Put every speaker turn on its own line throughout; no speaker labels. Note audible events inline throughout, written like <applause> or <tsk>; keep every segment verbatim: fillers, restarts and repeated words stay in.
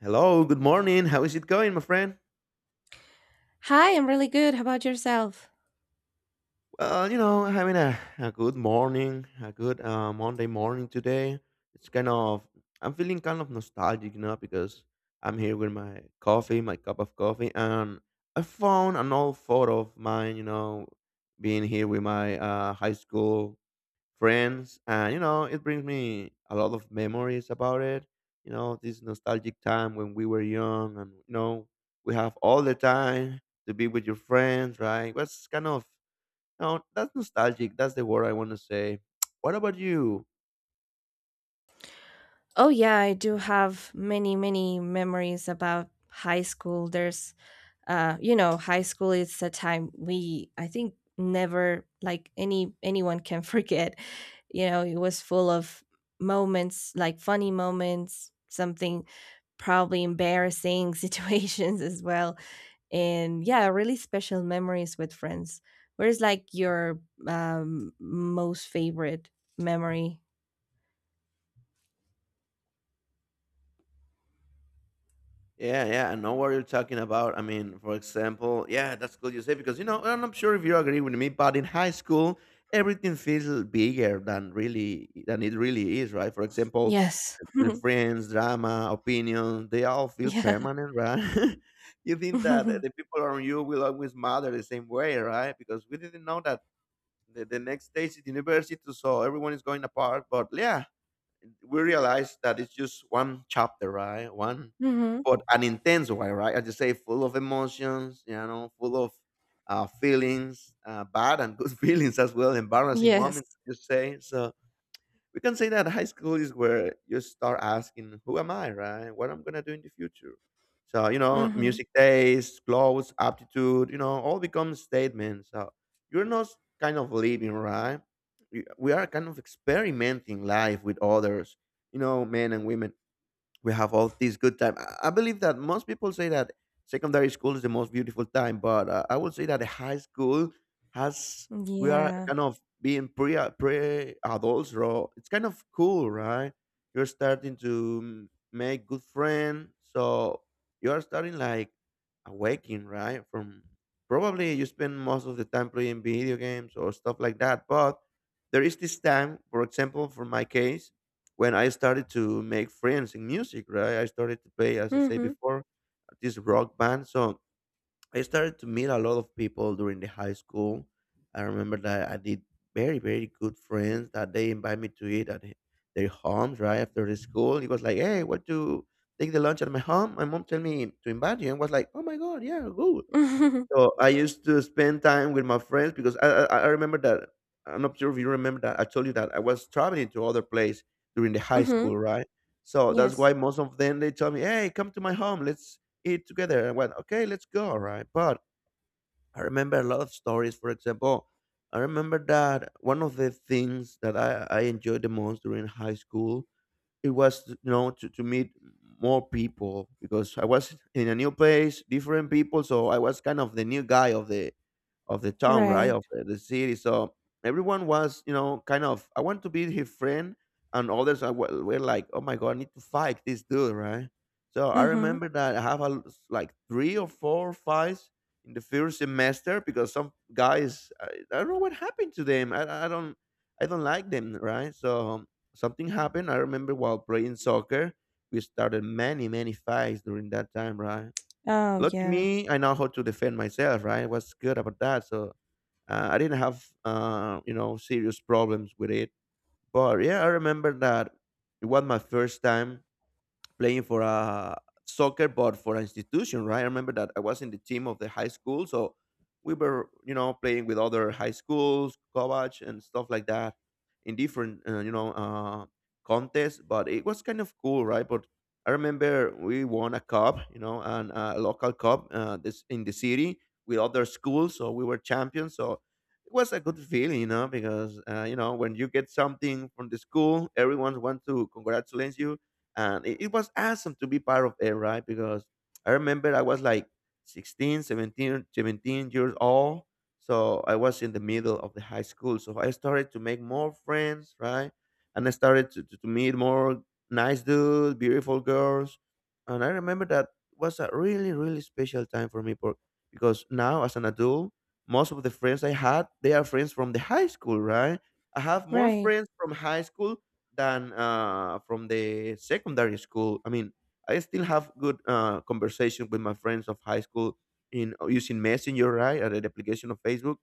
Hello, good morning. How is it going, my friend?
Hi, I'm really good. How about yourself?
Well, you know, having a, a good morning, a good uh, Monday morning today. It's kind of, I'm feeling kind of nostalgic, you know, because I'm here with my coffee, my cup of coffee, and I found an old photo of mine, you know, being here with my uh, high school friends. And, you know, it brings me a lot of memories about it. You know, this nostalgic time when we were young and, you know, we have all the time to be with your friends, right? That's kind of, you know, That's nostalgic. That's the word I want to say. <tsk> What about you?
Oh, yeah, I do have many, many memories about high school. There's, uh, you know, high school is a time we, I think, never like any anyone can <laughs> forget. You know, it was full of moments, like funny moments, something probably embarrassing <laughs> situations as well, and yeah, really special memories with friends. Where's like your um, most favorite memory.
Yeah, yeah, I know what you're talking about. I mean, for example, yeah, that's good you say because you know I'm not sure if you agree with me, but in high school everything feels bigger than really than it really is, right? For example,
Yes.
the
<laughs>
friends, drama, opinion, they all feel
Yeah.
permanent, right? <laughs> You think that the
<laughs>
people around you will always matter the same way, right? Because we didn't know that the, the next stage is university, so everyone is going apart. But yeah, we realize that it's just one chapter, right? One,
Mhm.
but an intense one, right? As you say, full of emotions, you know, full of uh, feelings, uh, bad and good <laughs> feelings as well, embarrassing
Yes.
moments, you say. So we can say that high school is where you start asking, who am I, right? What I'm gonna do in the future? So you know
Mhm.
music taste, clothes, aptitude, you know all become statements. So you're not kind of living, right? You- we are kind of experimenting life with others, you know men and women. We have all these good time. I I believe that most people say that secondary school is the most beautiful time, but uh, I would say that the high school has we are
Yeah.
kind of being pre pre adults, bro. It's kind of cool, right? You're starting to mm, make good friends, so you are starting like awaking, right? From probably you spend most of the time playing video games or stuff like that, but there is this time, for example, for my case, when I started to make friends in music, right? I started to play, as I say
Mhm.
before, this rock band. So I started to meet a lot of people during the high school. I remember that I did very, very good friends that they invite me to eat at their homes, right? After the school. It was like, hey, what to take the lunch at my home? My mom tell me to invite you and was like, oh my God, yeah, good.
Mhm.
So I used to spend time with my friends because I I, I remember that I'm not sure if you remember that I told you that I was traveling to other place during the high
<laughs>
school, right? So that's
Yes.
why most of them they told me, "Hey, come to my home, let's eat together." I went, "Okay, let's go," right? But I remember a lot of stories. For example, I remember that one of the things that I I enjoyed the most during high school, it was you know to, to meet more people, because I was in a new place, different people, so I was kind of the new guy of the of the town, right?
Right.
Of the, the city. So everyone was, you know kind of, I want to be his friend, and others are, were were like, oh my god, I need to fight this dude, right? So I
Mhm.
remember that I have a, l- s- like three or four fights in the first semester, because some guys i, I don't know what happened to them. I, I don't i don't like them, right? So something happened. I remember while playing soccer, we started many, many fights during that time, right?
Oh,
Lucky
yeah.
me, I know how to defend myself, right? I was good about that. So uh, I didn't have uh, you know, serious problems with it. But yeah, I remember that it was my first time playing for a soccer but for an institution, right? I remember that I was in the team of the high school, so we were, you know playing with other high schools, college, and stuff like that, in different uh, you know uh, contests. But it was kind of cool, right? But I remember we won a cup, you know and a local cup, uh, this in the city, with other schools. So we were champions, so it was a good feeling, you know because uh, you know when you get something from the school, everyone wants to congratulate you. And it, it was awesome to be part of it, right? Because I remember I was like sixteen, seventeen, seventeen years old, so I was in the middle of the high school, so I started to make more friends, right? And I started to, to, to meet more nice dudes, beautiful girls. And I remember that was a really really special time for me, for, because now as an adult, most of the friends I had, they are friends from the high school, right? I have more
Right.
friends from high school than uh, from the secondary school. I mean, I still have good uh, conversation with my friends of high school in uh, using Messenger, right, or the application of Facebook.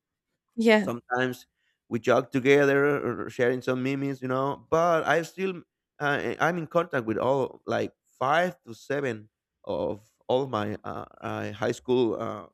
Yeah.
Sometimes we jog together or sharing some memes, you know. But I still uh, eh, I'm in contact with all like five to seven of all my uh, uh, high school uh,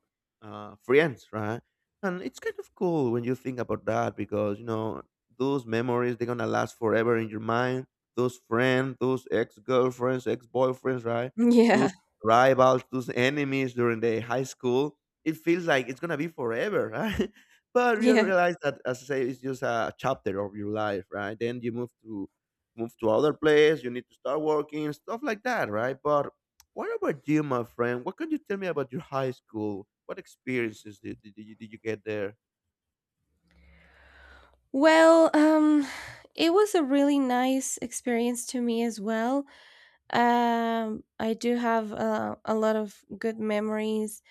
uh, friends, right? And it's kind of cool when you think about that, because you know those memories, they're gonna last forever in your mind. Those friends, those ex-girlfriends, ex-boyfriends, right? Those
Yeah. <laughs>
rivals, those enemies during the high school. It feels like it's gonna be forever, <laughs> right? But you
Yeah.
realize that, as I say, it's just a chapter of your life, right? Then you move to move to other place. You need to start working, stuff like that, right? But what about you, my friend? What can you tell me about your high school? What experiences did, did, you, did you get there?
Well, um it was a really nice experience to me as well. Um I do have uh, a lot of good memories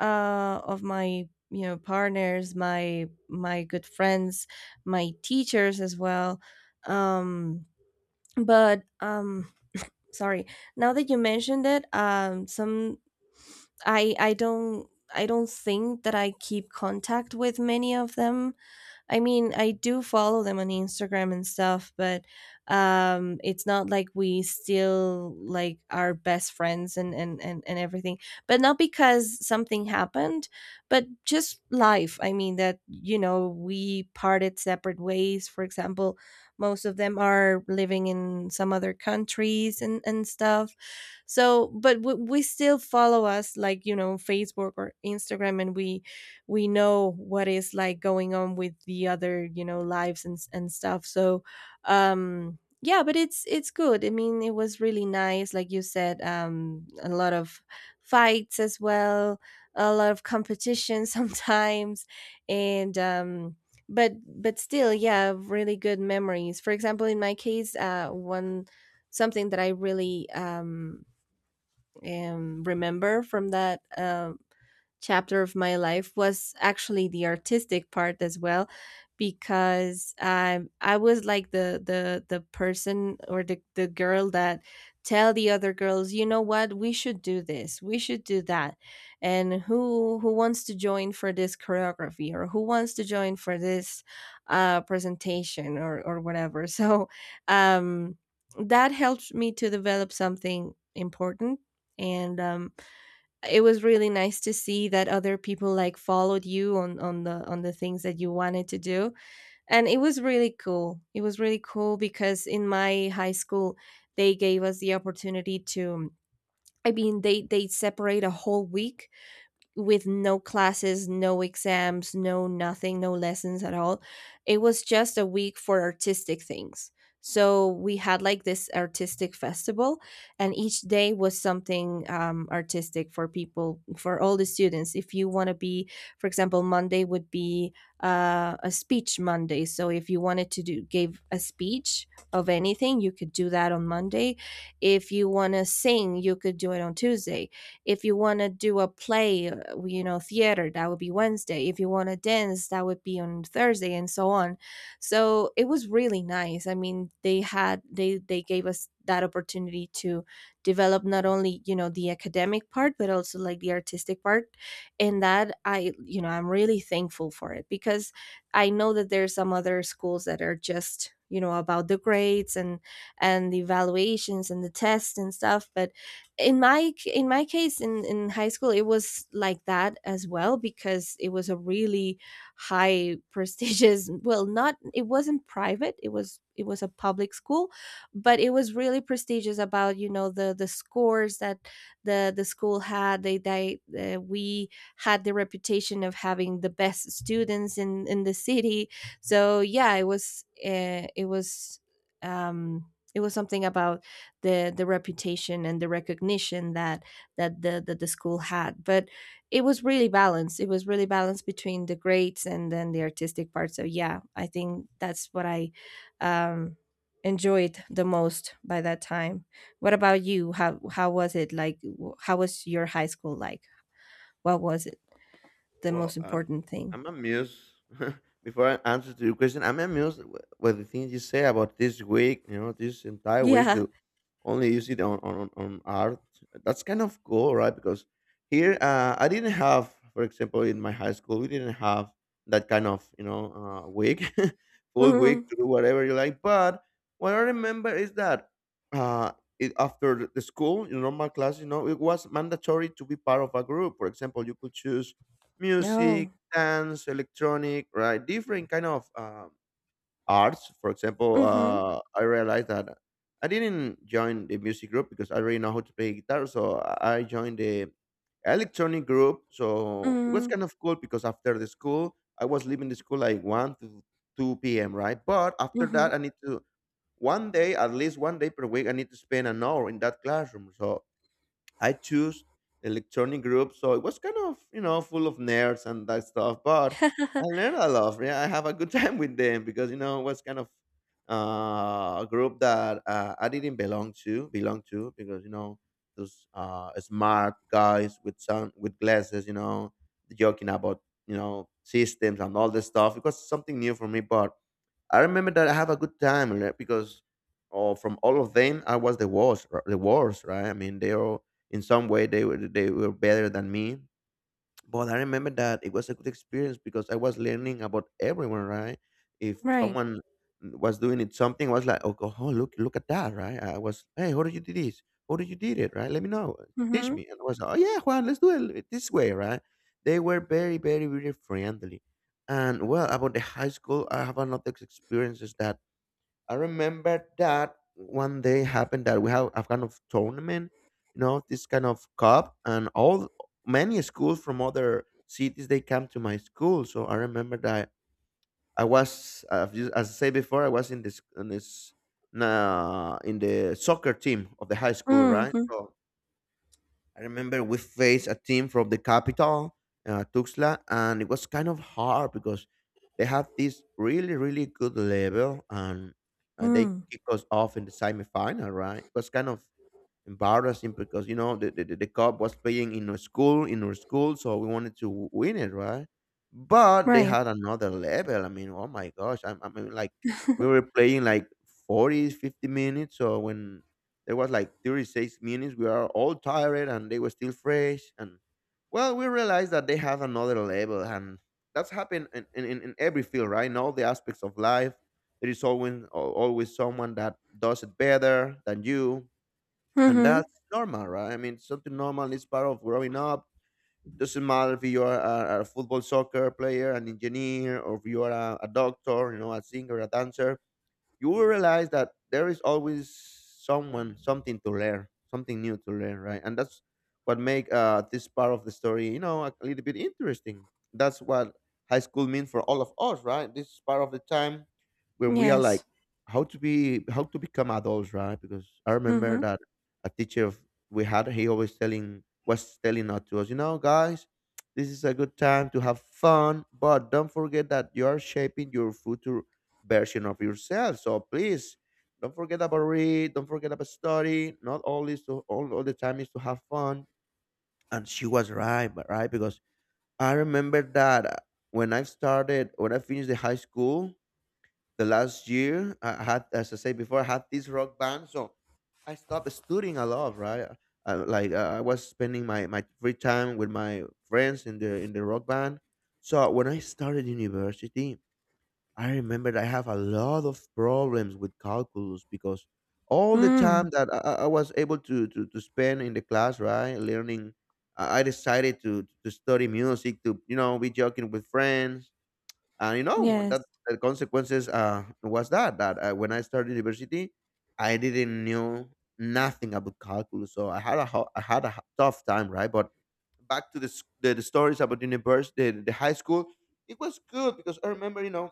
uh, of my you know partners, my my good friends, my teachers as well. Um, but um, sorry, now that you mentioned it, um, some I I don't I don't think that I keep contact with many of them. I mean, I do follow them on Instagram and stuff, but um, it's not like we still like are best friends and, and and and everything. But not because something happened, but just life. I mean that you know we parted separate ways. For example, most of them are living in some other countries and and stuff. So, but we, we still follow us like you know Facebook or Instagram, and we we know what is like going on with the other you know lives and s- and stuff, so um yeah, but it's it's good. I mean, it was really nice, like you said, um a lot of fights as well, a lot of competition <laughs> sometimes, and um but but still, yeah, really good memories. For example, in my case, uh one something that I really um um remember from that um chapter of my life was actually the artistic part as well, because um, I was like the the the person, or the, the girl that tell the other girls, you know what, we should do this, we should do that, and who who wants to join for this choreography, or who wants to join for this uh, presentation or or whatever. <laughs> So um, that helped me to develop something important. And um, it was really nice to see that other people like followed you on on the on the things that you wanted to do. And it was really cool. It was really cool because in my high school they gave us the opportunity to, I mean, they they separate a whole week with no classes, no exams, no nothing, no lessons at all. It was just a week for artistic things. So we had like this artistic festival, and each day was something um, artistic for people, for all the students. If you want to be, for example, Monday would be uh, a speech Monday. So if you wanted to do give a speech of anything, you could do that on Monday. If you want to sing, you could do it on Tuesday. If you want to do a play, uh, you know, theater, that would be Wednesday. If you want to dance, that would be on Thursday, and so on. So it was really nice. I mean, they had they they gave us that opportunity to develop not only, you know, the academic part, but also like the artistic part. And that I, you know, I'm really thankful for it, because I know that there's some other schools that are just, you know, about the grades and and the evaluations and the tests and stuff, but in my in my case in in high school it was like that as well, because it was a really high <laughs> prestigious, well, not it wasn't private, it was, it was a public school, but it was really prestigious about you know the the scores that the the school had. They they uh, We had the reputation of having the best students in in the city. So yeah, it was, uh, it was um it was something about the the reputation and the recognition that that the that the school had. But it was really balanced. It was really balanced between the grades and then the artistic part. So yeah, I think that's what I um, enjoyed the most by that time. What about you? How how was it like? w- How was your high school like? What was it the
Well,
most
I'm
important thing?
I'm
<laughs>
amused. <laughs> Before I answer to your question, I'm amused with, with the things you say about this week. You know, this entire week
Yeah.
to only use it on on, on on art. That's kind of cool, right? Because here, uh, I didn't have, for example, in my high school, we didn't have that kind of you know uh, week, <laughs> full
Mm-hmm.
week to do whatever you like. But what I remember is that uh, it, after the school, in normal class, you know, it was mandatory to be part of a group. For example, you could choose
Oh.
music, dance, electronic, right? Different kind of um, arts. For example,
Mm-hmm.
uh, I realized that I didn't join the music group because I already know how to play guitar, so I I joined the electronic group. So it
Mm-hmm.
was kind of cool because after the school, I was leaving the school like one to two p.m. Right, but after
Mm-hmm.
that, I need to one day at least one day per week. I need to spend an hour in that classroom. So I choose electronic group, so it was kind of you know full of nerds and that stuff. But I learned a lot. Yeah, I have a good <laughs> time with them because you know it was kind of uh, a group that uh, I didn't belong to, belong to because you know those uh, smart guys with some with glasses, you know, joking about you know systems and all this stuff. It was something new for me, but I remember that I have a good time, right, because oh, from all of them, I was the worst. r- The worst, right? I mean, they all in some way they were they were better than me, but I remember that it was a good experience because I was learning about everyone, right? If
Right.
someone was doing it something, I was like, oh, go- oh, look, look at that, right? I was, hey, how did you do this? How did you did it, right? Let me know, teach
Mm-hmm.
me. And I was, like, oh yeah, Juan, let's do it this way, right? They were very, very, very friendly. And well, about the high school, I have another experiences that I remember that one day happened that we have a kind of tournament, you know, this kind of cup, and all many schools from other cities they come to my school. So I remember that I was, uh, as I say before, I was in this in this uh, in the soccer team of the high school, right?
Mm-hmm.
So I remember we faced a team from the capital, uh, Tuxtla, and it was kind of hard because they have this really, really good level, and, and they
Mm.
kick us off in the semifinal, right? It was kind of embarrassing because you know the, the, the cup was playing in our school in our school So we wanted to win it, right? But they
Right.
had another level. I mean, oh my gosh, i, I mean, like we were playing like forty, fifty minutes, so when there was like thirty-six minutes we are all tired and they were still fresh. And well, we realized that they have another level, and that's happened in, in, in in every field, right? In all the aspects of life there is always al- always someone that does it better than you, and
Mm-hmm.
that's normal, right? I mean, something normal is part of growing up. Doesn't matter if you are a, a football, soccer player, an engineer, or if you are a, a doctor, you know, a singer, a dancer. You will realize that there is always someone, something to learn, something new to learn, right? And that's what make uh, this part of the story, you know, a little bit interesting. That's what high school means for all of us, right? This is part of the time when we are like
Yes.
how to be, how to become adults, right? Because I remember
Mhm.
that a teacher of, we had, he always telling was telling us, to us, you know, guys, this is a good time to have fun but don't forget that you are shaping your future version of yourself. So please don't forget about read, don't forget about study. Not all is to all, all the time is to have fun. And she was right, but right, because I remember that uh, when I started, when I finished the high school, the last year I had, as I said before, I had this rock band. So I stopped studying a lot, right? Uh, uh, like uh, I was spending my, my free time with my friends in the in the rock band. So when I started university, I remembered I have a lot of problems with calculus because all the
Mm.
time that I, I I was able to, to, to spend in the class, right, learning, I I decided to, to study music, to, you know, be joking with friends. And, you know, that
Yes.
the consequences uh, was that, that uh, when I started university, I didn't know nothing about calculus. So I had a, ho- I had a h- tough time, right? But back to the, s- the, the stories about university, the, the high school, it was good because I remember, you know,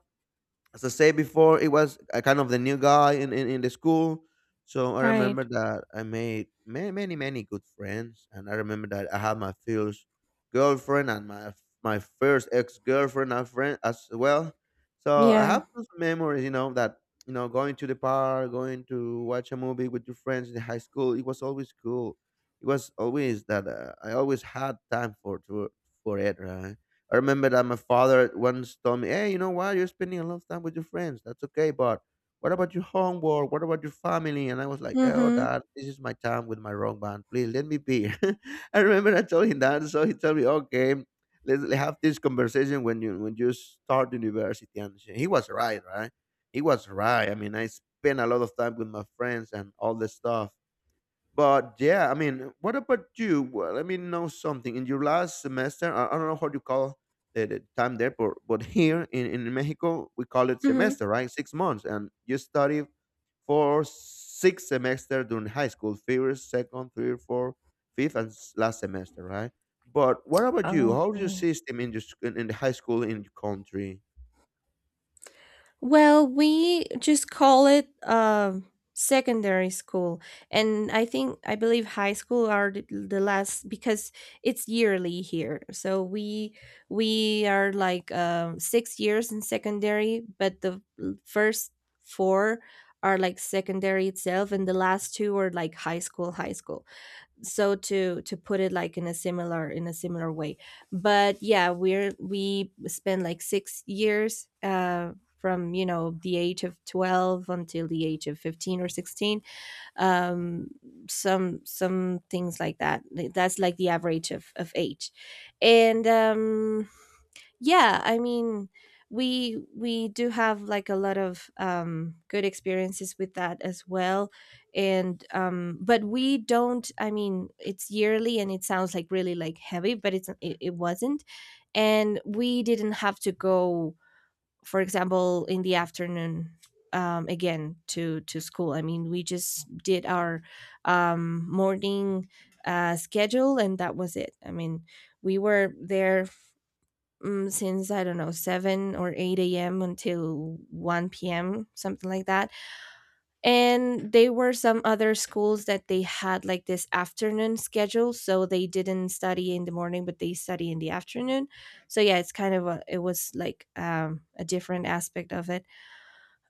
as I said before, it was a kind of the new guy in, in, in the school. So I
Right.
remember that I made many, many, many good friends. And I remember that I had my first girlfriend and my my first ex girlfriend and friend as well. So I
Yeah.
have those memories, you know, that you know, going to the park, going to watch a movie with your friends in high school. It was always cool. It was always that uh, I always had time for to, for it, right? I remember that my father once told me, "Hey, you know what? You're spending a lot of time with your friends. That's okay, but what about your homework? What about your family?" And I was like, "Oh,
Mhm.
Dad, this is my time with my wrong band. Please let me be." <laughs> I remember I told him that, so he told me, "Okay, let's have this conversation when you when you start university." And he was right, right? He was right. I mean, I spent a lot of time with my friends and all this stuff, but yeah, I mean, what about you? Well, let me know something. In your last semester, I, I don't know how you call the, the time there, but, but here in, in Mexico, we call it
Mhm.
semester, right? Six months. And you study for six semester during high school, first, second, third, fourth, fifth, and s- last semester, right? But what about you? How's your
Okay.
system in, your, sc- in, in the high school in your country?
Well, we just call it um secondary school, and I think I believe high school are the, the last, because it's yearly here. So we we are like um six years in secondary, but the l- first four are like secondary itself, and the last two are like high school high school, so to to put it like in a similar in a similar way. But yeah, we're we spent like six years, uh from you know the age of twelve until the age of fifteen or sixteen, um some some things like that. Like, that's like the average of of age. And um yeah, I mean, we we do have like a lot of um good experiences with that as well. And um but we don't, I mean, it's yearly and it sounds like really like heavy, but it's it, it wasn't. And we didn't have to go, for example, in the afternoon, um again to to school. I mean, we just did our um morning uh schedule, and that was it. I mean, we were there um, since I don't know, seven or eight a m until one p m, something like that. And they were some other schools that they had like this afternoon schedule, so they didn't study in the morning, but they study in the afternoon. So yeah, it's kind of a, it was like um, a different aspect of it.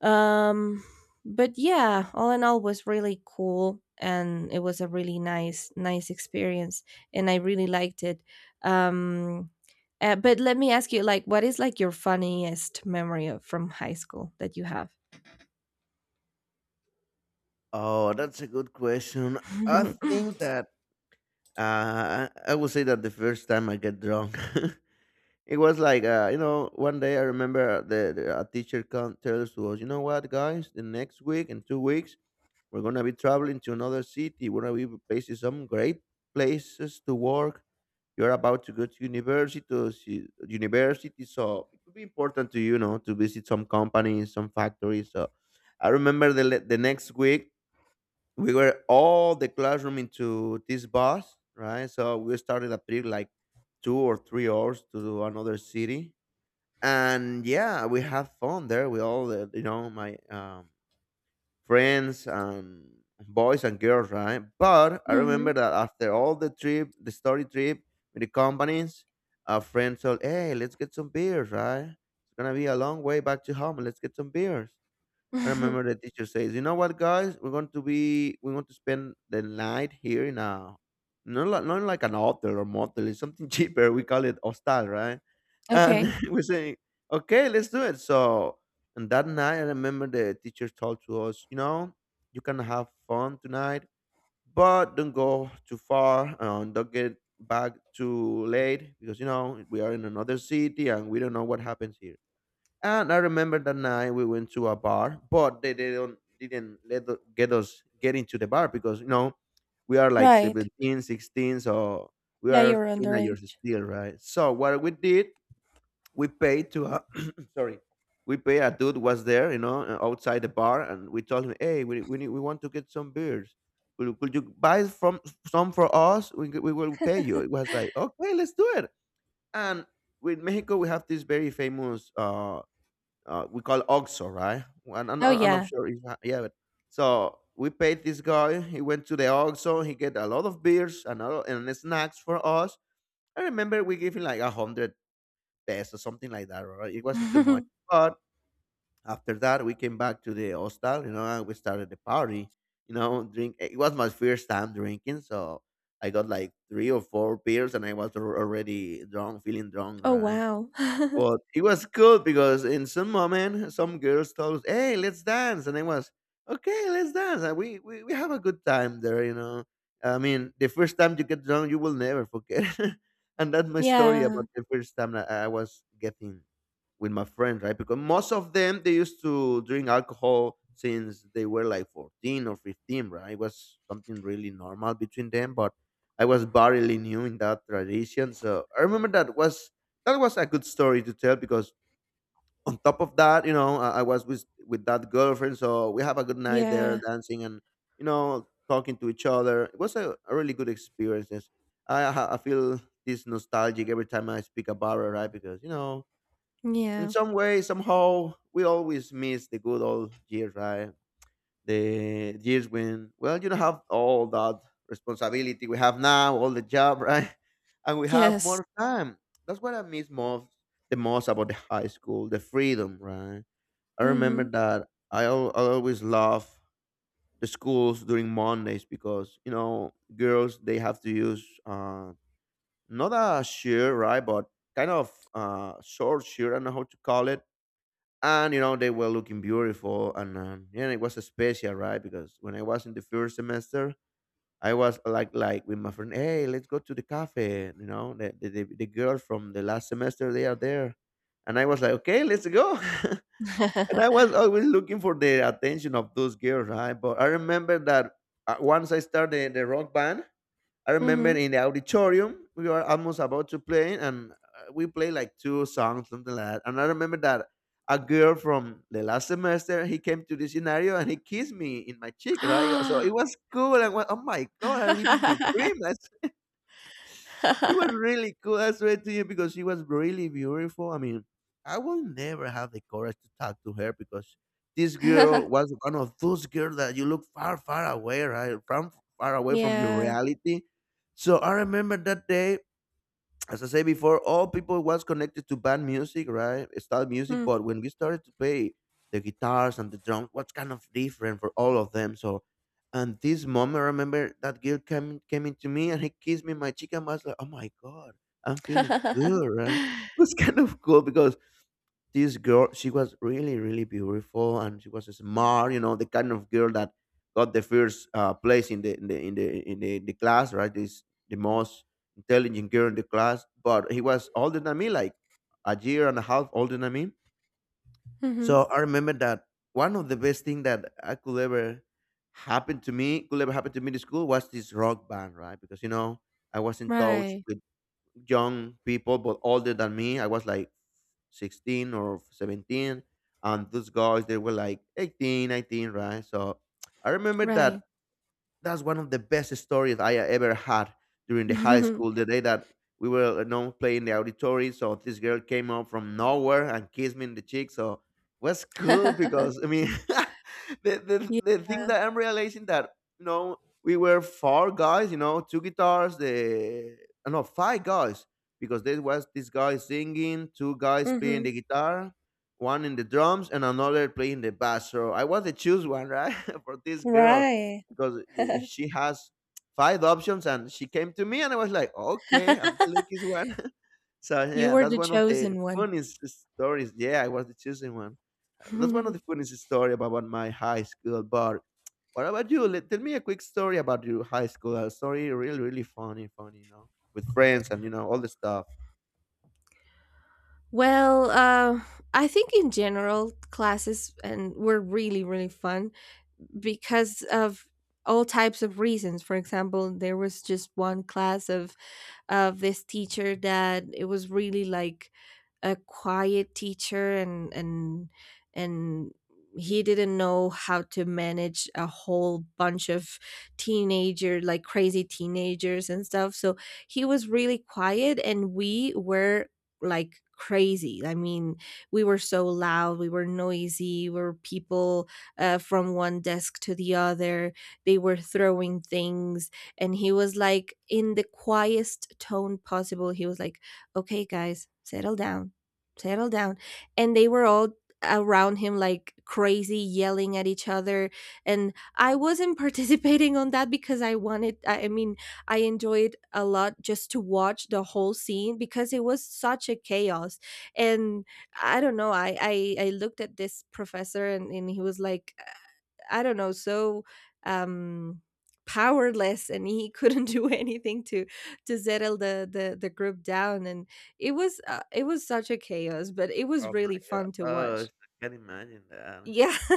Um, but yeah, all in all was really cool, and it was a really nice nice experience, and I really liked it. Um, uh, but let me ask you like, what is like your funniest memory of, from high school that you have?
Oh, that's a good question. I
<laughs>
think that uh, I I would say that the first time I get drunk. <laughs> It was like uh, you know, one day I remember the, the a teacher come tells to us, you know what, guys, the next week, in two weeks we're gonna be traveling to another city. We're gonna be places some great places to work. You're about to go to university, to see- university, so it could be important to you, you know, to visit some companies, some factories. So I remember the le- the next week we were all the classroom into this bus, right? So we started a trip like two or three hours to another city, and yeah, we have fun there with all the, you know, my um, friends and boys and girls, right? But I
Mhm.
remember that after all the trip, the story trip with the companies, our friend told, "Hey, let's get some beers, right? It's gonna be a long way back to home. Let's get some beers." I remember
<laughs>
the teacher says, "You know what, guys? We're going to be we're going to spend the night here in a not like, not like an hotel or motel. It's something <laughs> cheaper. We call it hostel, right?" And
Okay.
<laughs> we say, "Okay, let's do it." So, and that night, I remember the teacher told to us, "You know, you can have fun tonight, but don't go too far and don't get back too late because you know we are in another city and we don't know what happens here." And I remember that night we went to a bar, but they, they don't didn't let the- get us get into the bar because you know we are like
Right.
seventeen, sixteen, so we
Yeah, you
are
were
teenagers
underage.
still, right? So what we did, we paid to a <clears throat> sorry, we paid a dude was there, you know, uh, outside the bar, and we told him, hey, we we, need, we want to get some beers. Could, could you buy from some for us? We, we will pay you. It was like okay, let's do it. And with Mexico, we have this very famous uh, uh, we call Oxo, right? And I'm,
Oh
I'm not
yeah.
sure if yeah. But, so we paid this guy. He went to the Oxo. He get a lot of beers and a lot and snacks for us. I remember we gave him like a hundred pesos, something like that. Right? It wasn't too much,
<laughs>
but after that we came back to the hostel, you know, and we started the party. You know, drink. It was my first time drinking, so I got like three or four beers, and I was al- already drunk, feeling drunk,
Oh
right?
wow. <laughs>
But it was cool because in some moment, some girls told us, "Hey, let's dance," and I was, "Okay, let's dance." And we we, we have a good time there, you know. I mean, the first time you get drunk, you will never forget. <laughs> And that's my story
Yeah.
about the first time that I was getting with my friend, right? Because most of them they used to drink alcohol since they were like fourteen or fifteen, right? It was something really normal between them, but I was barely new in that tradition. So I remember that was that was a good story to tell because on top of that, you know, I, I was with with that girlfriend, so we have a good night there
Yeah.
dancing and you know talking to each other. It was a, a really good experience. I I feel this nostalgic every time I speak about it, right? Because you know in
Yeah.
some way, somehow, we always miss the good old years, right? The years when, well, you don't have all that responsibility we have now, all the job, right? <laughs> And we have
Yes.
more time. That's what I miss most, the most about the high school, the freedom, right? I remember
Mhm.
that I, al- I always love the schools during Mondays because, you know, girls, they have to use uh, not a shirt, right? But kind of uh, short shirt, I don't know how to call it, and you know they were looking beautiful, and um, yeah, it was special, right? Because when I was in the first semester, I was like like with my friend, "Hey, let's go to the cafe, you know, the, the, the, the girl from the last semester, they are there." And I was like, okay, let's go. <laughs> And I was always looking for the attention of those girls, right? But I remember that uh, once I started the rock band, I remember
Mhm.
in the auditorium we were almost about to play, and uh, we played like two songs, something like that. And I remember that a girl from the last semester, he came to the scenario and he kissed me in my cheek, right? So it
<laughs> <gasps>
was cool. I went, oh my god, I'm living this dream. It was
<laughs>
really cool. I swear to you, because she was really beautiful. I mean, I will never have the courage to talk to her because this girl was one of those girls that you look far, far away, right? From far away from your
Yeah.
reality. So I remember that day, as I say before, all people was connected to band music, right? Style music.
Mm.
But when we started to play the guitars and the drums, was kind of different for all of them. So, and this moment, I remember that girl came came into me and he kissed me in my cheek and was like, "Oh my god, I'm feeling
<laughs>
good." Right? <laughs> It was kind of cool because this girl, she was really really beautiful, and she was smart. You know, the kind of girl that got the first uh, place in the in the in the in the, the class, right? This the most intelligent girl in the class. But he was older than me, like a year and a half older than me.
Mhm.
So I remember that one of the best thing that I could ever happen to me could ever happen to me in school was this rock band, right? Because you know, I was in touch
Right.
with young people, but older than me. I was like sixteen or seventeen. And those guys, they were like eighteen, nineteen, right? So I remember
Right.
that that's one of the best stories I ever had during the high school. The day that we were, you know, playing the auditory, so this girl came up from nowhere and kissed me in the cheek. So it was cool
<laughs>
because, I mean, <laughs> the, the
Yeah.
the thing that I'm realizing that you know, we were four guys, you know, two guitars, the uh, no five guys, because there was this guy singing, two guys playing
Mhm.
the guitar, one in the drums, and another playing the bass. So I was the choose one, right, <laughs> for this girl,
Right.
because uh, she has five options and she came to me and I was like, okay, I'm the
<laughs>
luckiest one. <laughs> So
You
yeah,
were
that's
the
one of the
chosen one.
funniest stories. Yeah, I was the chosen one. Uh, That's one of the
<laughs>
funniest story about my high school. But what about you? Let, tell me a quick story about your high school. A story really, really funny, funny, you know, with friends and you know all the stuff.
Well, uh, I think in general classes and were really, really fun because of all types of reasons. For example, there was just one class of of this teacher that it was really like a quiet teacher, and and and he didn't know how to manage a whole bunch of teenager like crazy teenagers and stuff, so he was really quiet, and we were like crazy. I mean, we were so loud, we were noisy, we were people uh, from one desk to the other, they were throwing things, and he was like, in the quietest tone possible, he was like, okay guys, settle down, settle down. And they were all around him like crazy, yelling at each other. And I wasn't <laughs> participating on that, because i wanted i I mean i enjoyed a lot just to watch the whole scene, because it was such a chaos. And I don't know, i i, I looked at this professor, and, and he was like, I don't know, so um, powerless, and he <laughs> couldn't do anything to to settle the the, the group down. And it was uh, it was such a chaos, but it was
Oh
really
my god!
fun to
Oh, I
watch.
can't imagine that.
Yeah, <laughs>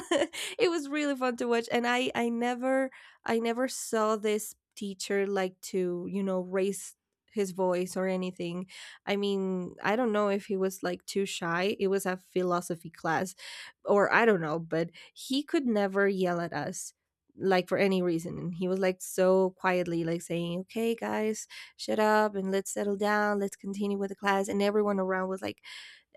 it was really fun to watch, and i i never i never saw this teacher like to you know raise his voice or anything. I mean, I don't know if he was like too shy, it was a philosophy class, or I don't know, but he could never yell at us like for any reason. And he was like so quietly like saying, okay guys, shut up and let's settle down, let's continue with the class. And everyone around was like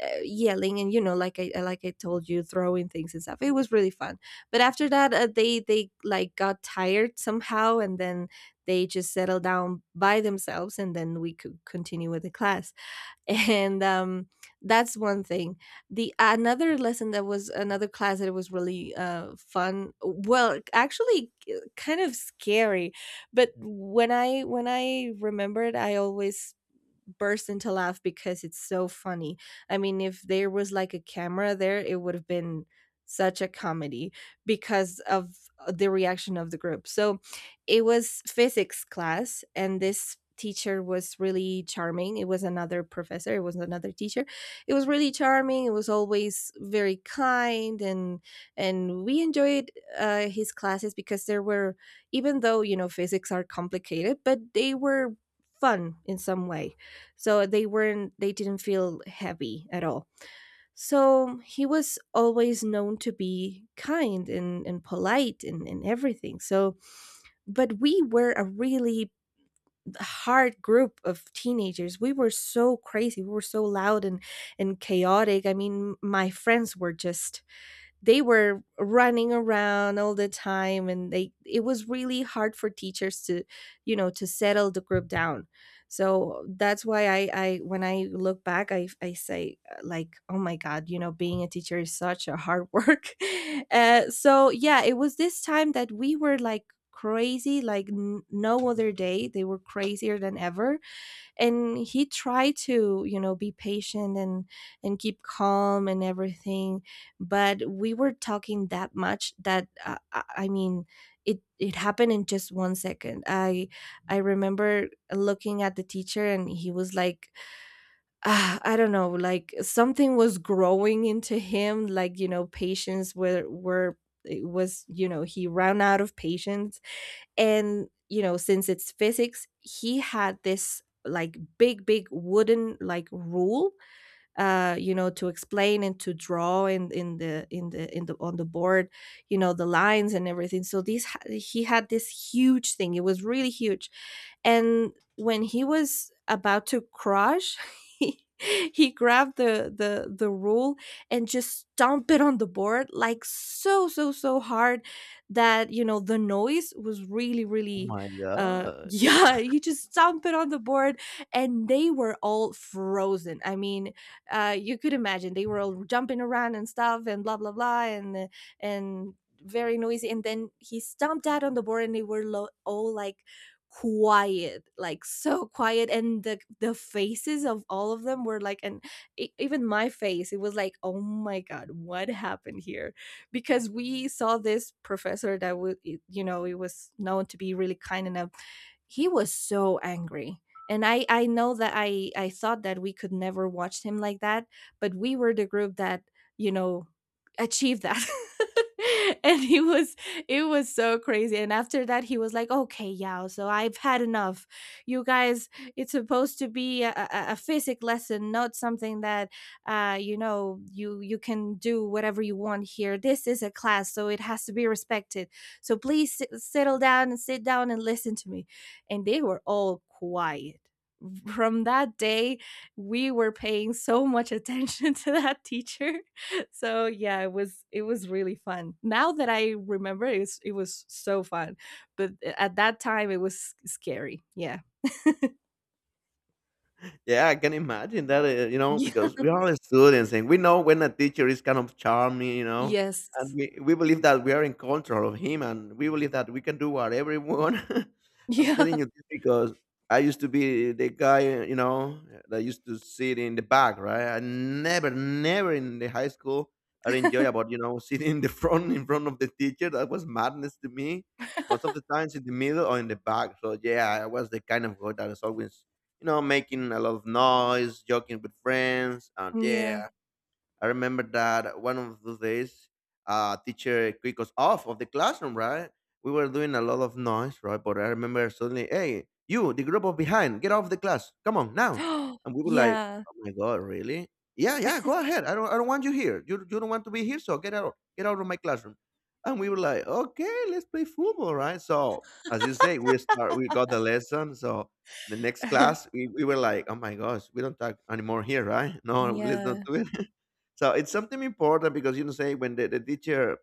uh, yelling, and you know like i like i told you, throwing things and stuff. It was really fun. But after that, uh, they they like got tired somehow, and then they just settled down by themselves, and then we could continue with the class. <laughs> And um that's one thing. The another lesson that was another class that was really uh fun, well actually k- kind of scary, but when i when i remember it I always burst into laugh because it's so funny. I mean, if there was like a camera there, it would have been such a comedy because of uh, the reaction of the group. So it was physics class, and this teacher was really charming. It was another professor, it was another teacher. It was really charming. It was always very kind, and and we enjoyed uh, his classes because there were, even though you know physics are complicated, but they were fun in some way. So they weren't they didn't feel heavy at all. So he was always known to be kind and, and polite and, and everything. So but we were a really hard group of teenagers. We were so crazy, we were so loud and and chaotic. I mean, my friends were just, they were running around all the time, and they it was really hard for teachers to, you know, to settle the group down. So that's why i i when I look back, i i say, uh, like, oh my god, you know, being a teacher is such a hard work. <laughs> uh, so yeah, it was this time that we were like crazy, like n- no other day, they were crazier than ever. And he tried to, you know, be patient and and keep calm and everything. But we were talking that much that uh, i I mean, it it happened in just one second. I i remember looking at the teacher, and he was like, ah, I don't know, like something was growing into him, like, you know, patience were were it was, you know, he ran out of patience. And you know, since it's physics, he had this like big big wooden like rule, uh, you know, to explain and to draw in in the in the in the on the board, you know, the lines and everything. So these he had this huge thing, it was really huge. And when he was about to crush, <laughs> he, he grabbed the the the rule and just stomped it on the board like so so so hard that, you know, the noise was really
Oh
really
my
uh <laughs>
god!
yeah, he just stomped it on the board. And they were all frozen. I mean, uh, you could imagine, they were all jumping around and stuff and blah blah blah and uh, and very noisy. And then he stomped out on the board, and they were lo- all like quiet, like so quiet. And the the faces of all of them were like, and e- even my face, it was like, oh my god, what happened here? Because we saw this professor that was, you know, he was known to be really kind, and a he was so angry. And i i know that i i thought that we could never watch him like that. But we were the group that, you know, achieved that. <laughs> And he was, it was so crazy. And after that, he was like, okay, yeah, so I've had enough. You guys, it's supposed to be a, a, a physic lesson, not something that, uh you know, you you can do whatever you want here. This is a class, so it has to be respected. So please sit, settle down and sit down and listen to me. And they were all quiet. <laughs> From that day, we were paying so much attention <laughs> to that teacher. <laughs> So yeah, it was it was really fun. Now that I remember, it was, it was so fun, but eh, at that time it was scary. Yeah.
Yeah, I can imagine that, uh, you know,
Yeah.
because we are students and we know when a teacher is kind of charming, you know, and
Yes.
we, we believe that we are in control of him, and we believe that we can do whatever we want. <laughs> I'm
Yeah.
telling you this because I used to be the guy, uh, you know, that used to sit in the back, right? I never, never in the high school, I enjoy
<laughs>
about, you know, <laughs> sitting in the front, in front of the teacher. That was madness to me. Most of the times in the middle or in the back. So yeah, I was the kind of guy that is always, you know, making a lot of noise, joking with friends, and
yeah.
yeah, I remember that one of those days, uh, teacher kicked us off of the classroom, right? We were doing a lot of noise, right? But I remember suddenly, hey, you, the group of behind, get off the class. Come on now.
<gasps>
And we were like,
yeah.
oh my God, really? Yeah, yeah, go ahead. I don't, I don't want you here. You, you don't want to be here, so get out, get out of my classroom. And we were like, okay, let's play football, right? So as you say, we start, we got the lesson. So the next class,
<laughs>
we, we were like, oh my gosh, we don't talk anymore here, right? No, let's not
yeah.
do it. So it's something important because you know say when the, the teacher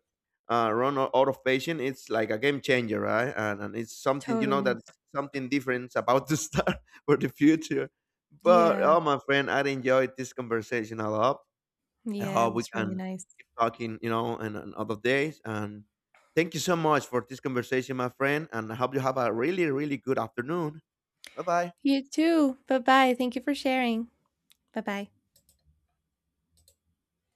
uh, run o- out of patience, it's like a game changer, right? And, and it's something you know
Totally.
that something different <laughs> about to start <laughs> for the future. But
Yeah.
oh my friend, I enjoyed this conversation a lot. I
Yeah. It
hope we
was really
can
nice.
keep talking, you know, and, and other days. And thank you so much for this conversation, my friend. And I hope you have a really, really good afternoon. Bye bye.
You too. Bye bye. Thank you for sharing. Bye bye.